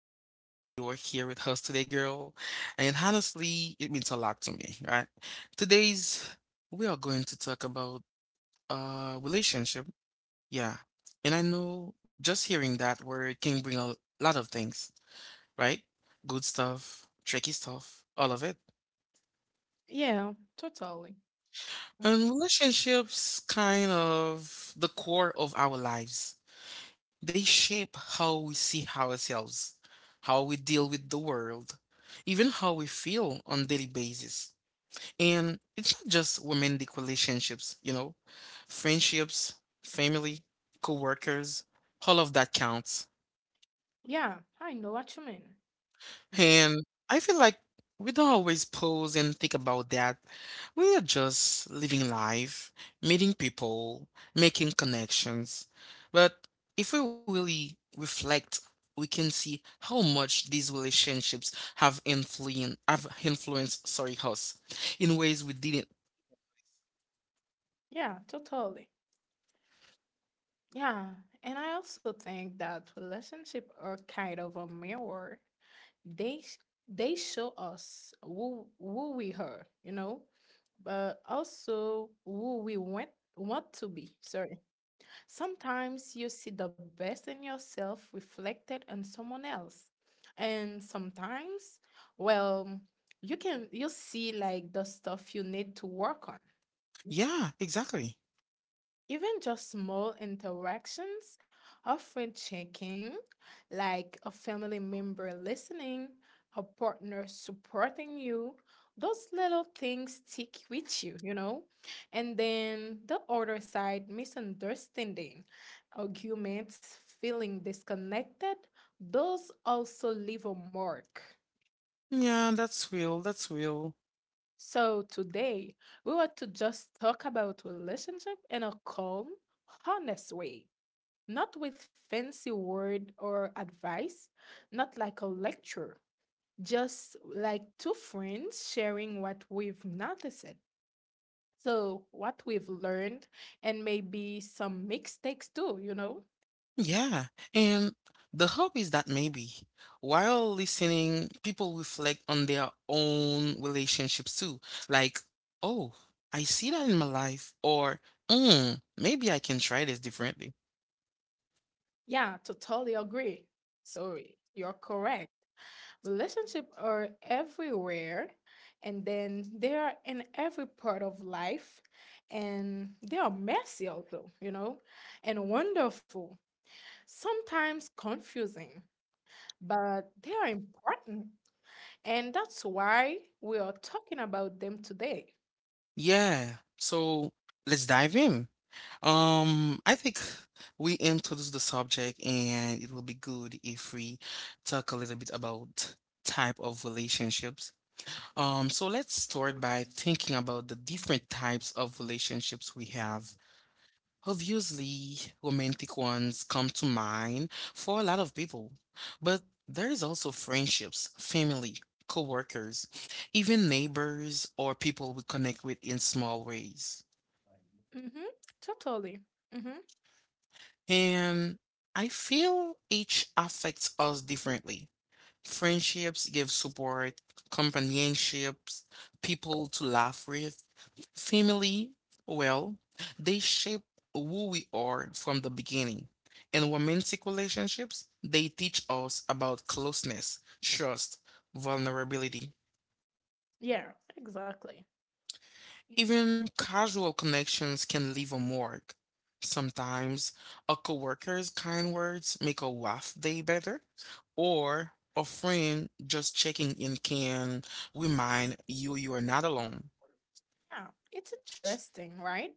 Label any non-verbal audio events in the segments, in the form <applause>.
I'm really glad you are here with us today, girl. And honestly, it means a lot to me, right? Today's We are going to talk about relationship. Yeah. And I know just hearing that word can bring a lot of things, right? Good stuff, tricky stuff, all of it. Yeah, totally. Mm. And relationships kind of the core of our lives. They shape how we see ourselves, how we deal with the world, even how we feel on daily basis. And it's not just romantic relationships, you know, friendships, family, coworkers, all of that counts. Yeah, I know what you mean. Yeah, And I feel like we don't always pause and think about that. We are just living life, meeting people, making connections. But if we really reflect, we can see how much these relationships have influenced sorry us in ways we didn't. yeah, totally. Yeah, and I also think that relationship are kind of a mirror. They sh- they show us who we are, you know, but also who we want to be. Sorry. Sometimes you see the best in yourself reflected in someone else. And sometimes, well, you see like the stuff you need to work on. Yeah, exactly. Even just small interactions, often checking, like a family member listening, a partner supporting you, those little things stick with you, you know? And then the other side, misunderstanding, arguments, feeling disconnected, those also leave a mark. Yeah, that's real. That's real. So today, we want to just talk about relationship in a calm, honest way, not with fancy word or advice, not like a lecture, just like two friends sharing what we've noticed. So, what we've learned, and maybe some mistakes too, you know? Yeah, and the hope is that maybe while listening, people reflect on their own relationships too. Like, oh, I see that in my life, or mm, maybe I can try this differently. Yeah, totally agree. So, you're correct. Relationships are everywhere, and then they are in every part of life, and they are messy also, you know, and wonderful, sometimes confusing, but they are important. And that's why we are talking about them today. Yeah, so let's dive in. I think we introduced the subject, and it will be good if we talk a little bit about type of relationships. So let's start by thinking about the different types of relationships we have. Obviously, romantic ones come to mind for a lot of people, but there is also friendships, family, coworkers, even neighbors or people we connect with in small ways. Mm-hmm. Totally. Mm-hmm. And I feel each affects us differently. Friendships give support, companionships, people to laugh with, family, well, they shape who we are from the beginning. In romantic relationships, they teach us about closeness, trust, vulnerability. Yeah, exactly. Even casual connections can leave a mark. Sometimes a coworker's kind words make a rough day better, or a friend just checking in can remind you you are not alone. Yeah, it's interesting, right?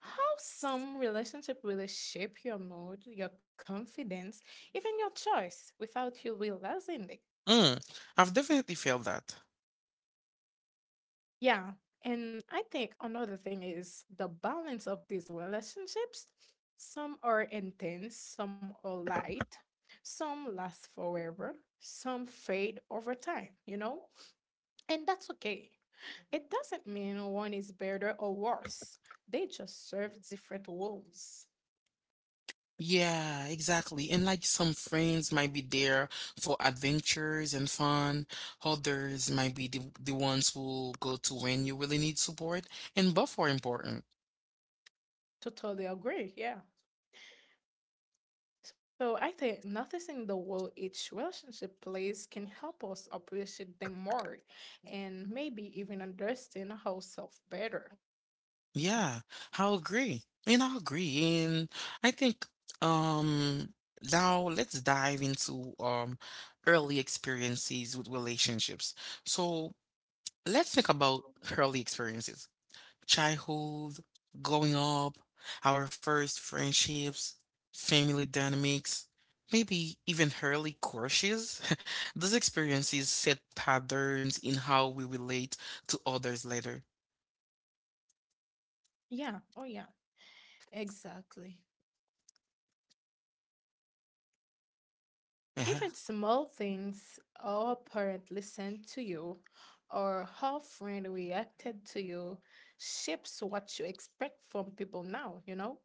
How some relationship really shape your mood, your confidence, even your choice without you realizing it. Mm, I've definitely felt that. Yeah. And I think another thing is the balance of these relationships. Some are intense, some are light, some last forever, some fade over time, you know? And that's okay. It doesn't mean one is better or worse, they just serve different roles. Yeah, exactly. And like some friends might be there for adventures and fun, others might be the ones who go to when you really need support, and both are important. Totally agree. Yeah. So I think noticing the role each relationship plays can help us appreciate them more and maybe even understand ourselves better. Yeah, I'll agree. And I'll agree. And I think um now let's dive into early experiences with relationships. So let's think about early experiences. Childhood, growing up, our first friendships, family dynamics, maybe even early crushes. <laughs> Those experiences set patterns in how we relate to others later. Yeah. Oh, yeah. Exactly. Even <laughs> small things, how a parent listened to you or how a friend reacted to you shapes what you expect from people now, you know?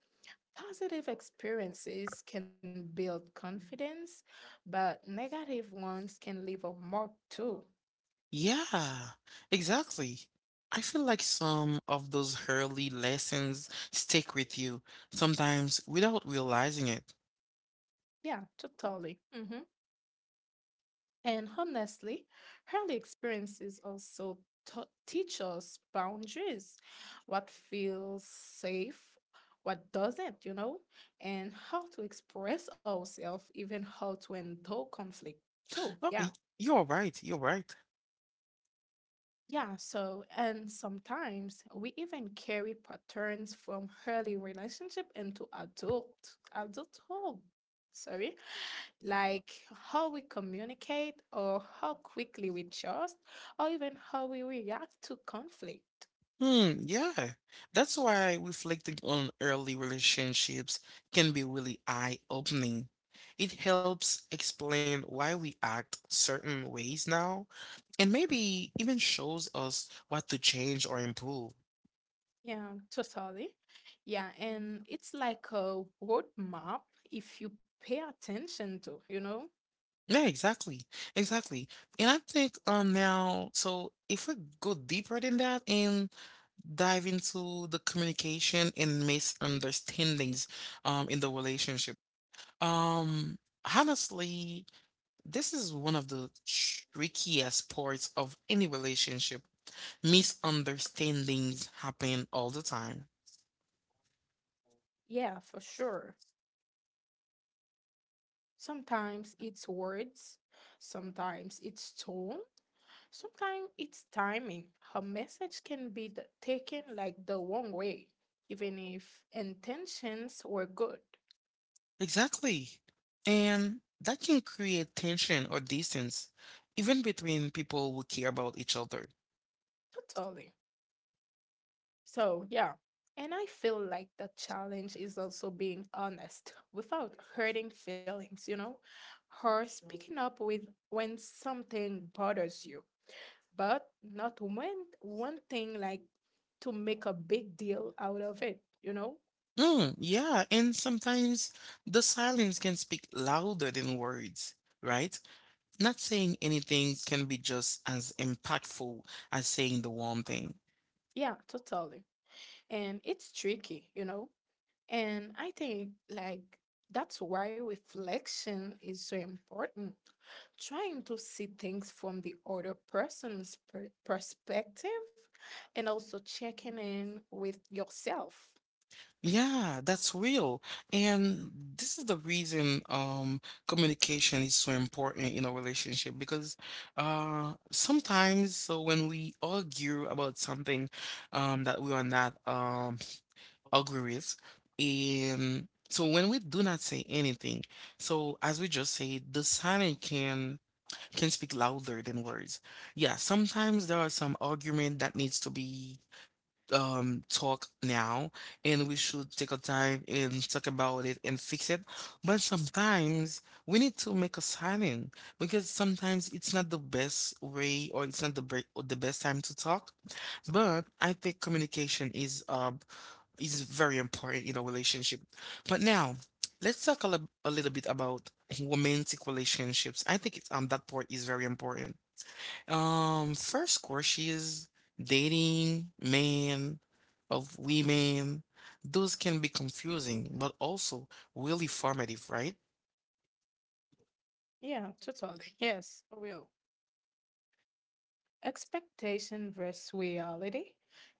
Positive experiences can build confidence, but negative ones can leave a mark too. Yeah, exactly. I feel like some of those early lessons stick with you, sometimes without realizing it. Yeah, totally. And honestly, early experiences also teach us boundaries, what feels safe, what doesn't, you know, and how to express ourselves, even how to endure conflict too. Oh, Yeah. y- you're right, you're right. Yeah, so and sometimes we even carry patterns from early relationship into adulthood, sorry. Like how we communicate, or how quickly we trust, or even how we react to conflict. Hmm, yeah. That's why reflecting on early relationships can be really eye-opening. It helps explain why we act certain ways now, and maybe even shows us what to change or improve. Yeah, totally. Yeah, and it's like a roadmap if you pay attention to, you know? Yeah, exactly. Exactly. And I think now, so if we go deeper than that and dive into the communication and misunderstandings in the relationship. Um honestly, this is one of the trickiest parts of any relationship. Misunderstandings happen all the time. Yeah, for sure. Sometimes it's words, sometimes it's tone, sometimes it's timing. A message can be taken like the wrong way, even if intentions were good. Exactly. And that can create tension or distance, even between people who care about each other. Totally. So, yeah. And I feel like the challenge is also being honest without hurting feelings, you know, or speaking up with when something bothers you, but not one thing like to make a big deal out of it, you know? Mm, yeah, and sometimes the silence can speak louder than words, right? Not saying anything can be just as impactful as saying the one thing. Yeah, totally. And it's tricky, you know? And I think like that's why reflection is so important. Trying to see things from the other perspective, and also checking in with yourself. Yeah, that's real. And this is the reason communication is so important in a relationship because sometimes so when we argue about something that we are not agree with. And so when we do not say anything, so as we just said, the silence can speak louder than words. Yeah, sometimes there are some argument that needs to be talked now, and we should take a time and talk about it and fix it. But sometimes we need to make a silent because sometimes it's not the best way or it's not the best time to talk. But I think communication is very important in a relationship. But now, let's talk a little bit about romantic relationships. I think it's, that part is very important. First course she is dating men of women. Those can be confusing, but also really formative, right? Yeah, totally. Yes, for real. Expectation versus reality.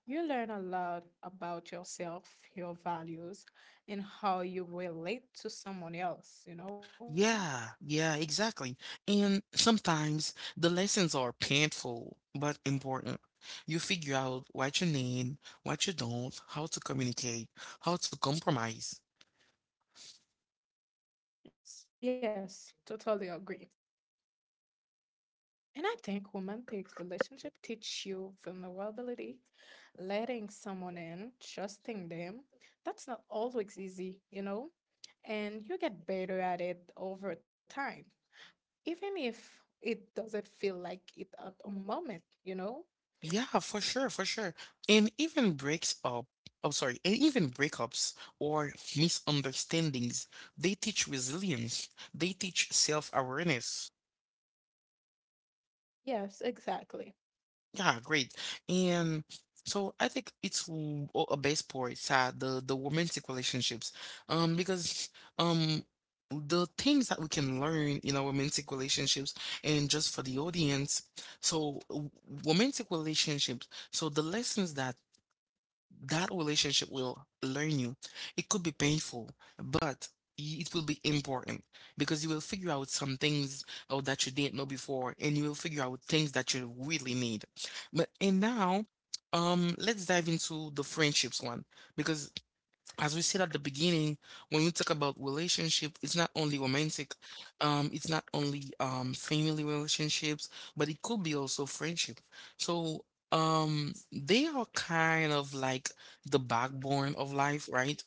You learn a lot about yourself, your values, and how you relate to someone else, you know? Yeah, yeah, exactly. And sometimes the lessons are painful but important. You figure out what you need, what you don't, how to communicate, how to compromise. Yes, totally agree. And I think romantic relationship teach you vulnerability, letting someone in, trusting them. That's not always easy, you know? And you get better at it over time, even if it doesn't feel like it at a moment, you know? Yeah, for sure, for sure. And even breaks up, oh, sorry, and even breakups or misunderstandings, they teach resilience, they teach self-awareness. Yes, exactly. Yeah, great. And so I think it's a base point, the romantic relationships, because um the things that we can learn in our romantic relationships and just for the audience. So romantic relationships. So the lessons that relationship will learn you. It could be painful, but it will be important because you will figure out some things oh, that you didn't know before, and you will figure out things that you really need. But and now, let's dive into the friendships one because as we said at the beginning, when we talk about relationship, it's not only romantic, it's not only family relationships, but it could be also friendship. So they are kind of like the backbone of life, right?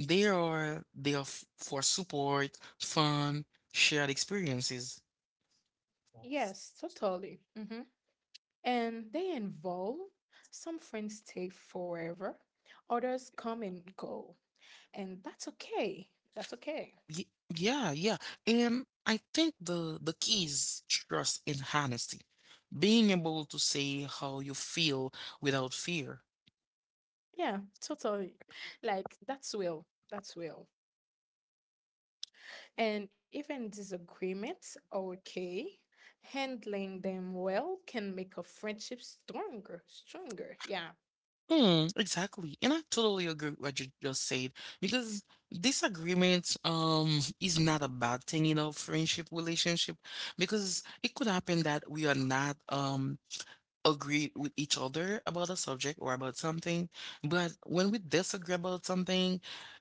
They are for support, fun, shared experiences. Yes, totally. And they involve some friends stay forever, others come and go. And that's okay. That's okay. Y- yeah, yeah. And I think the key is trust and honesty. Being able to say how you feel without fear. Yeah, totally. Like that's well. That's well. And even disagreements are okay. Handling them well can make a friendship stronger. Stronger. Yeah. Hmm, exactly. And I totally agree with what you just said because disagreement is not a bad thing in our friendship relationship because it could happen that we are not agree with each other about a subject or about something, but when we disagree about something,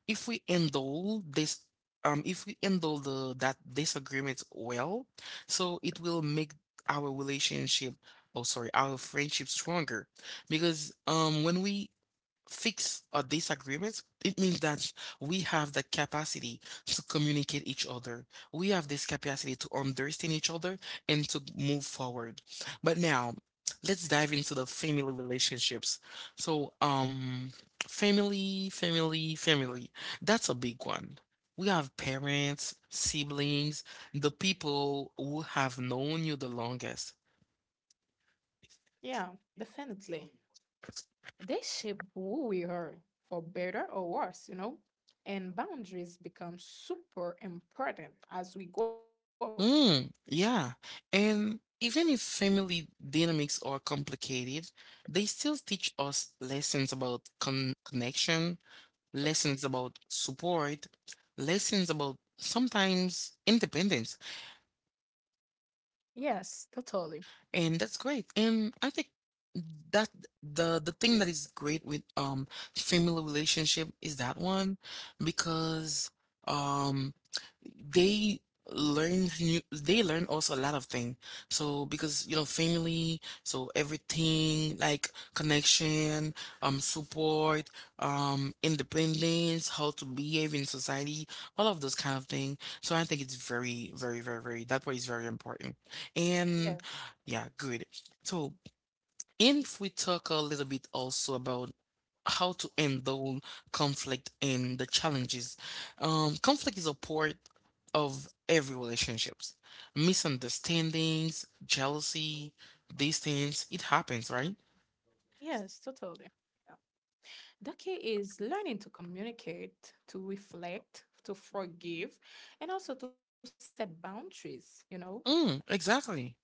if we handle this, if we handle the that disagreement well, so it will make our relationship, oh sorry, our friendship stronger. Because when we fix our disagreements, it means that we have the capacity to communicate each other. We have this capacity to understand each other and to move forward. But now, let's dive into the family relationships. So, family, family, family. That's a big one. We have parents, siblings, the people who have known you the longest. Yeah. Definitely. They shape who we are, for better or worse, you know? And boundaries become super important as we grow. Mm, yeah. And even if family dynamics are complicated, they still teach us lessons about connection, lessons about support, lessons about sometimes independence. Yes, totally. And that's great. And I think that the thing that is great with family relationship is that one because um they learn new they learn also a lot of things so because you know family so everything like connection Mhm. support independence, how to behave in society, all of those kind of things. So I think it's very very very very that part is very important. Yeah. And yeah, good. So, and if we talk a little bit also about how to handle conflict and the challenges, conflict is a part of every relationships. Misunderstandings, jealousy, distance, it happens, right? Yes, totally. Yeah. The key is learning to communicate, to reflect, to forgive, and also to set boundaries, you know? Mm, exactly.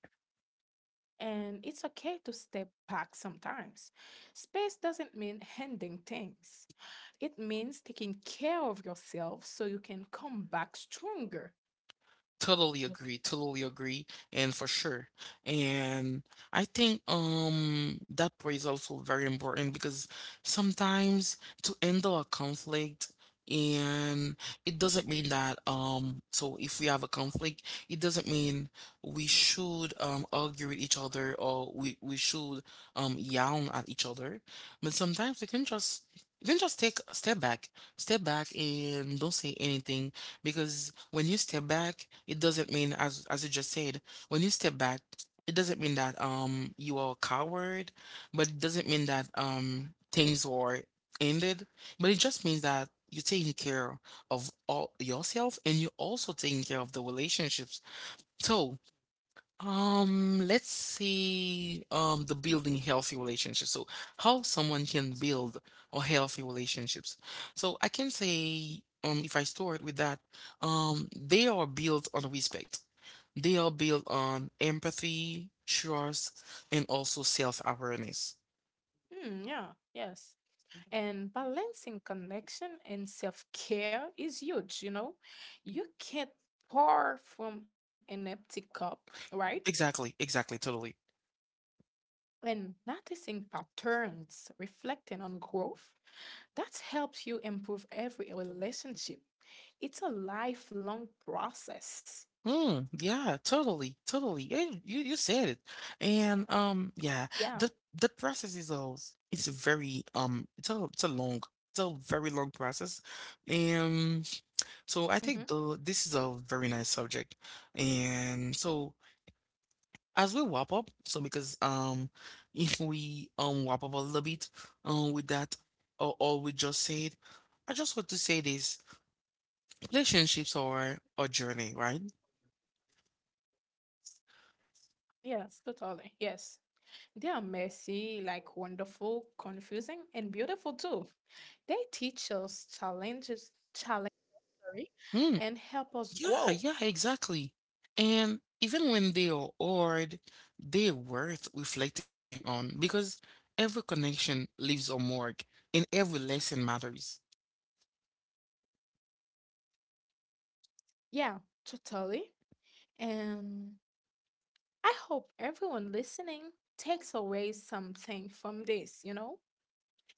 And it's okay to step back sometimes. Space doesn't mean handing things, it means taking care of yourself so you can come back stronger. Totally agree, and for sure. And I think that part is also very important because sometimes to handle a conflict and it doesn't mean that so if we have a conflict, it doesn't mean we should argue with each other or we should yell at each other. But sometimes we can just take a step back and don't say anything because when you step back, it doesn't mean as you just said, when you step back, it doesn't mean that you are a coward, but it doesn't mean that things are ended, but it just means that you're taking care of all yourself and you're also taking care of the relationships. So let's see, the building healthy relationships. So how someone can build or healthy relationships. So I can say, if I start with that, they are built on respect. They are built on empathy, trust, and also self-awareness. Mm, yeah, yes. And balancing connection and self care is huge, you know? You can't pour from an empty cup, right? Exactly, exactly, totally. And noticing patterns, reflecting on growth, that helps you improve every relationship. It's a lifelong process. Mm, yeah, totally, totally. Yeah, you said it. And Yeah. Yeah, the process is a, it's a it's a long, it's a very long process. hmm And so I think the this is a very nice subject. And so as we wrap up, so because <laughs> if we wrap up a little bit with that or all we just said, I just want to say this: relationships are a journey, right? yeah, totally, yes. They are messy, like wonderful, confusing and beautiful too. They teach us challenges, sorry, and help us Hmm. grow. Yeah, yeah, exactly. And even when they are odd, they're worth reflecting on because every connection leaves a mark and every lesson matters. Yeah, totally. And I hope everyone listening takes away something from this, you know?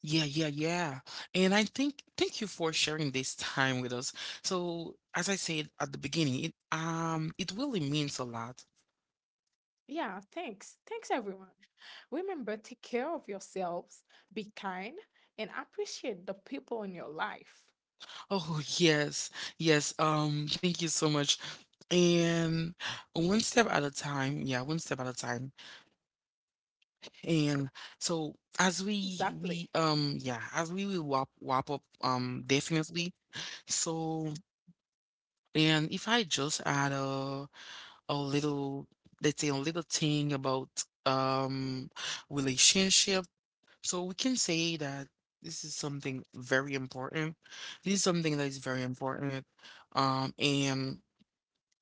Yeah, yeah, yeah. And I think thank you for sharing this time with us. So, as I said at the beginning, it it really means a lot. <laughs> Yeah, thanks. Thanks, everyone. Remember, take care of yourselves, be kind, and appreciate the people in your life. Oh, yes. Yes. Thank you so much. And one step at a time. Yeah, one step at a time. Exactly. And so as we yeah, as we will wrap up definitely. So and if I just add a little, let's say a little thing about um relationship, so we can say that this is something very important. This is something that is very important. And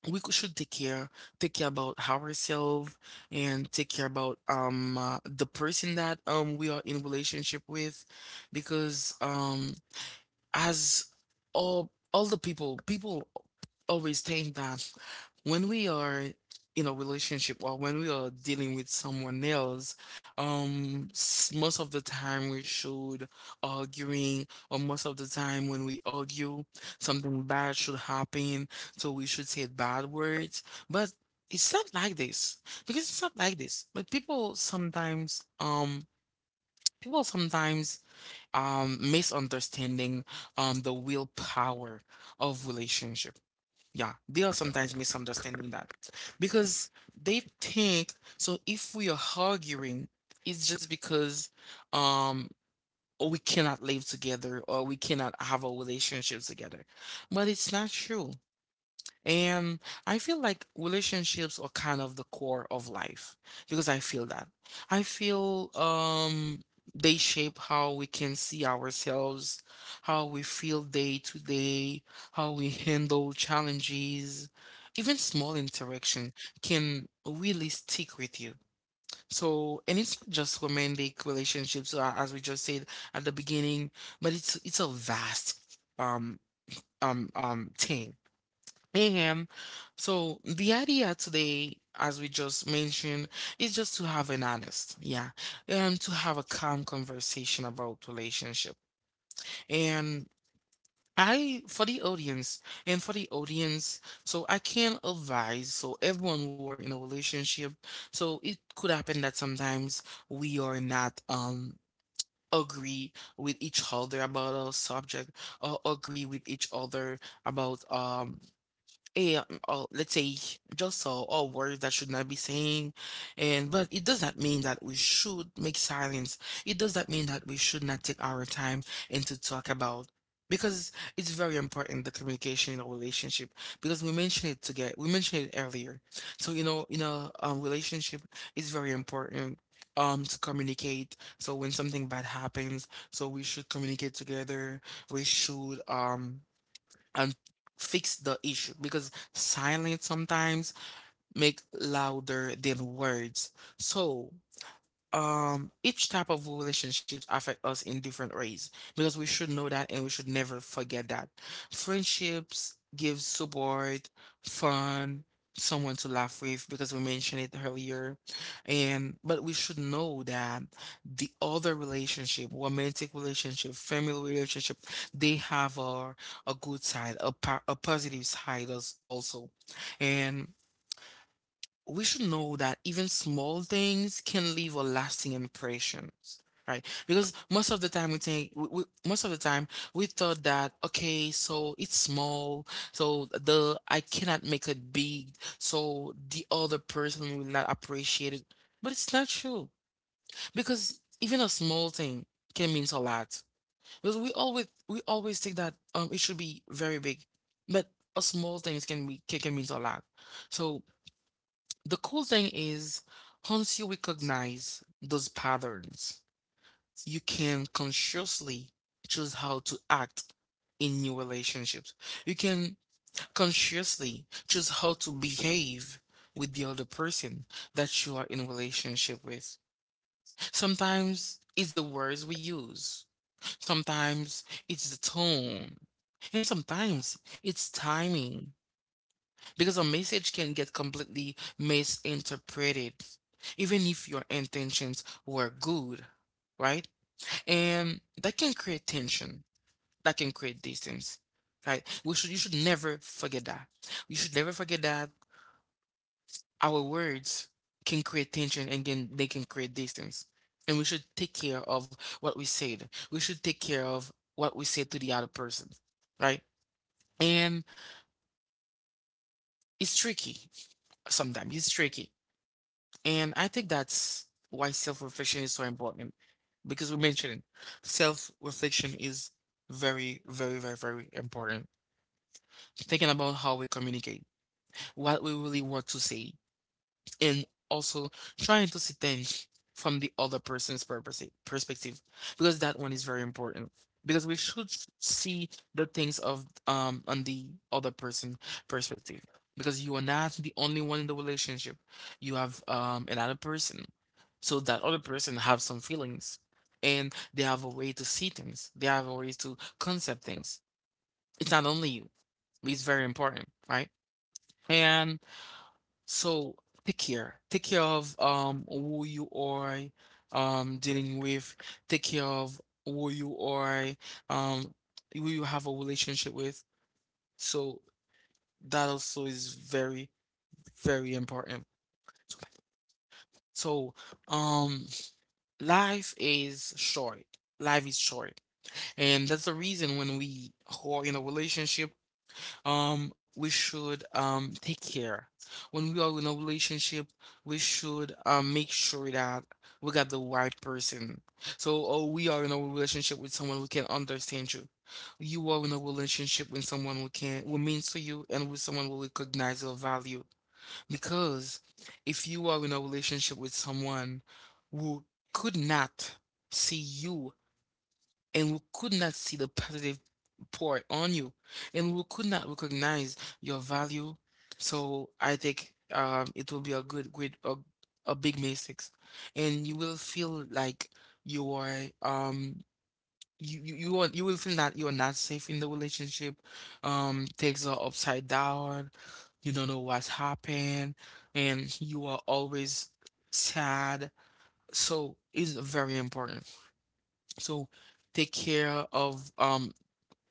should take care about ourselves and take care about the person that we are in relationship with because as all the people always think that when we are in a relationship or when we are dealing with someone else, most of the time we should arguing, or most of the time when we argue, something bad should happen, so we should say bad words. But it's not like this because it's not like this. But people sometimes, misunderstanding, the willpower of relationship, yeah, they are sometimes misunderstanding that because they think so. If we are arguing, it's just because um we cannot live together or we cannot have a relationship together, but it's not true. And I feel like relationships are kind of the core of life because I feel that. I feel they shape how we can see ourselves, how we feel day to day, how we handle challenges. Even small interaction can really stick with you. So, and it's not just romantic relationships, as we just said at the beginning, but it's a vast thing. Ahem. So the idea today, as we just mentioned, is just to have an honest, yeah, and to have a calm conversation about relationship. And I, for the audience, and for the audience, so I can advise, so everyone who are in a relationship, so it could happen that sometimes we are not, agree with each other about a subject or agree with each other about a let's say just all words that should not be saying, and but it does not mean that we should make silence. It does not mean that we should not take our time and to talk about, because it's very important the communication in a relationship, because we mentioned it earlier. So you know, in a relationship, it's very important to communicate, so when something bad happens, so we should communicate together. We should and fix the issue, because silence sometimes make louder than words. So each type of relationships affect us in different ways, because we should know that and we should never forget that. Friendships give support, fun, someone to laugh with, because we mentioned it earlier. And but we should know that the other relationship, romantic relationship, family relationship, they have a good side, a positive side as also. And we should know that even small things can leave a lasting impressions, right? Because most of the time we think most of the time we thought that okay, so it's small, so the I cannot make it big, so the other person will not appreciate it, but it's not true. Because even a small thing can mean a lot, because we always think that it should be very big. But a small things can mean a lot. So the cool thing is, once you recognize those patterns, you can consciously choose how to act in new relationships. You can consciously choose how to behave with the other person that you are in a relationship with. Sometimes it's the words we use, sometimes it's the tone, and sometimes it's timing, because a message can get completely misinterpreted, even if your intentions were good, right? And that can create tension, that can create distance, right? We should You should never forget that. You should never forget that our words can create tension, and can they can create distance. And we should take care of what we said. We should take care of what we said to the other person, right? And it's tricky sometimes. It's tricky. And I think that's why self-reflection is so important, because we mentioned self-reflection is very, very, very, very important. Thinking about how we communicate, what we really want to say, and also trying to see things from the other perspective, because that one is very important. Because we should see the things of on the other person perspective, because you are not the only one in the relationship. You have another person, so that other person have some feelings, and they have a way to see things, they have a way to concept things. It's not only you. It's very important, right? And so take care. Take care of who you are dealing with. Take care of who you are um who you have a relationship with. So that also is very, very important. So um life is short. Life is short. And that's the reason, when we are in a relationship, we should take care. When we are in a relationship, we should make sure that we got the right person. So oh, we are in a relationship with someone who can understand you. You are in a relationship with someone who can, who means to you, and with someone who recognize your value. Because if you are in a relationship with someone who could not see you, and we could not see the positive part on you, and we could not recognize your value, so I think it will be a a big mistakes, and you will feel like you are you will feel that you're not safe in the relationship. Things are upside down, you don't know what's happened, and you are always sad. So it's very important. So take care of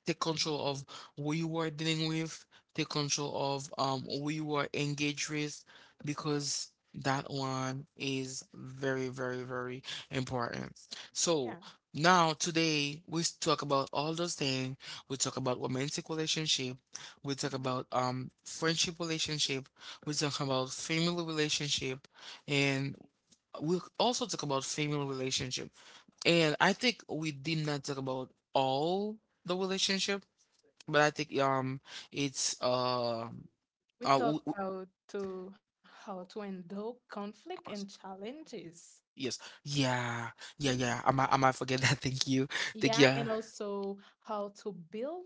take control of who you are dealing with, take control of who you are engaged with, because that one is very, very, very important. Yeah. So now today we talk about all those things. We talk about romantic relationship. We talk Mhm. about friendship relationship. We talk about family relationship, and we also talk about family relationship. And I think we did not talk about all the relationship, but I think it's uh We uh talk w- w- about to how to handle conflict and challenges. yes, yeah, yeah, yeah, I might forget that <laughs> thank you, thank you, Yeah, yeah, and also how to build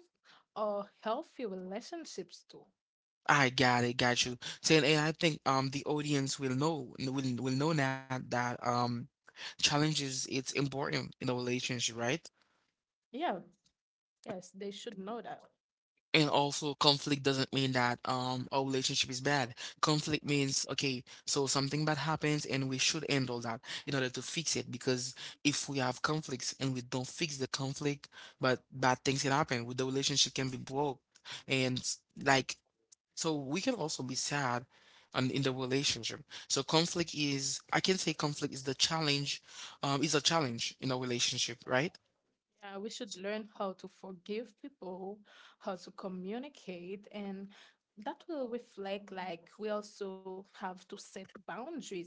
a healthy relationships too. I got it, got you saying. And I think the audience will know now that challenges it's important in a relationship, right? Yeah, yes, they should know that. And also, conflict doesn't mean that our relationship is bad. Conflict means okay, so something bad happens and we should end all that in order to fix it. Because if we have conflicts and we don't fix the conflict, but bad things can happen, with the relationship can be broke. And like, so we can also be sad on in the relationship. So conflict is, I can say conflict is the challenge, is a challenge in a relationship, right? Yeah, we should learn how to forgive people, how to communicate, and that will reflect like we also have to set boundaries.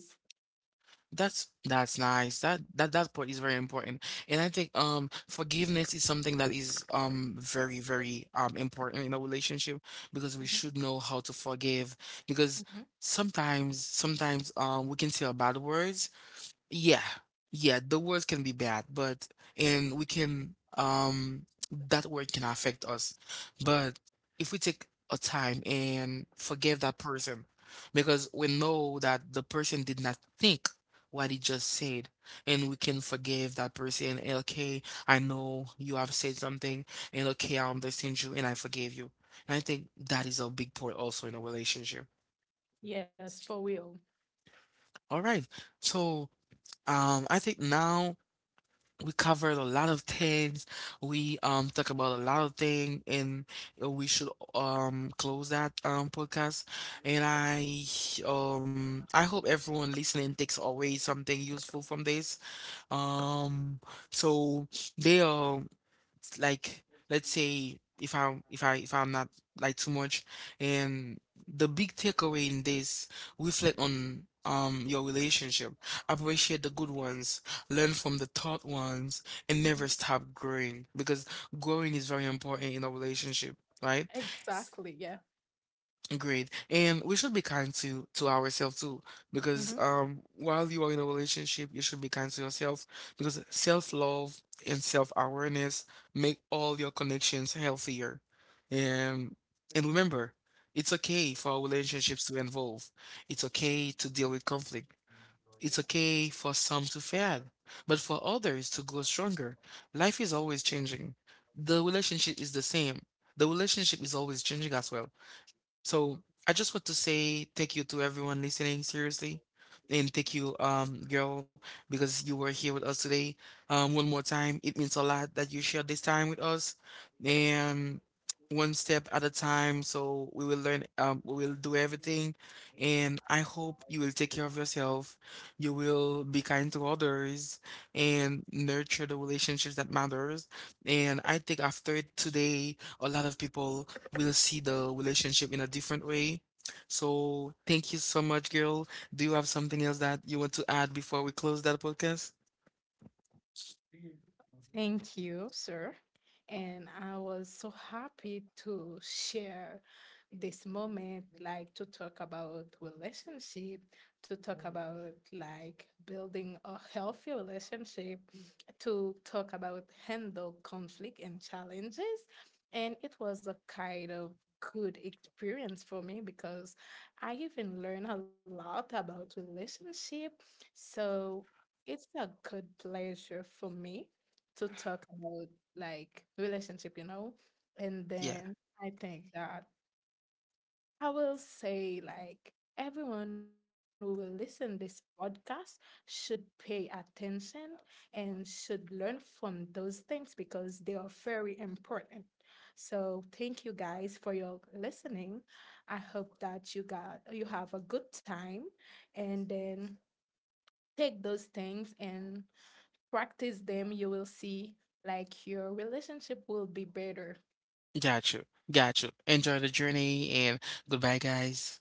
That's nice. That part is very important. And I think forgiveness is something that is very, very important in a relationship, because we should Hmm. know how to forgive, because Hmm. Sometimes we can say a bad words, yeah. Yeah, the words can be bad, but and we can that word can affect us. But if we take a time and forgive that person, because we know that the person did not think what he just said, and we can forgive that person. And okay, I know you have said something, and okay, I understand you, and I forgive you. And I think that is a big part also in a relationship. Yes, for real. All right, so I think now we covered a lot of things. We talk about a lot of things, and we should close that podcast. And I hope everyone listening takes away something useful from this. Um, so they are, it's like, let's say if I'm not like too much, and the big takeaway in this: reflect on your relationship. Appreciate the good ones, learn from the tough ones, and never Hmm. stop growing, because growing is very important in a relationship, right? Exactly. Yeah. Agreed. And we should be kind to ourselves too, because Hmm. While you are in a relationship, you should be kind to yourself, because self-love and self-awareness make all your connections healthier. And and remember, it's okay for relationships to evolve. It's okay to deal with conflict. It's okay for some to fail, but for others to grow stronger. Life is always changing. The relationship is the same. The relationship is always changing as well. So I just want to say thank you to everyone listening, seriously. And thank Yeah. you, girl, because you were here with us today. One more time, it means a lot that you shared this time with us. And one step at a time, so we will learn, we will do everything. And I hope you will take care of yourself. You will be kind to others and nurture the relationships that matters. And I think after today, a lot of people we'll see the relationship in a different way. So thank you so much, girl. Do you have something else that you want to add before we close that podcast? Thank you, sir. And I was so happy to share this moment, like to talk about relationship, to talk about like building a healthy relationship, to talk about handle conflict and challenges. And it was a kind of good experience for me because I even learned a lot about relationship. So it's a good pleasure for me to talk about like relationship, you know. And Yeah, then I think that I will say, like, everyone who will listen this podcast should pay attention and should learn from those things because they are very important. So thank you guys for your listening. I hope that you got you have a good time, and then take those things and practice them. You will see like your relationship will be better. got you. Got you. Enjoy the journey and goodbye, guys.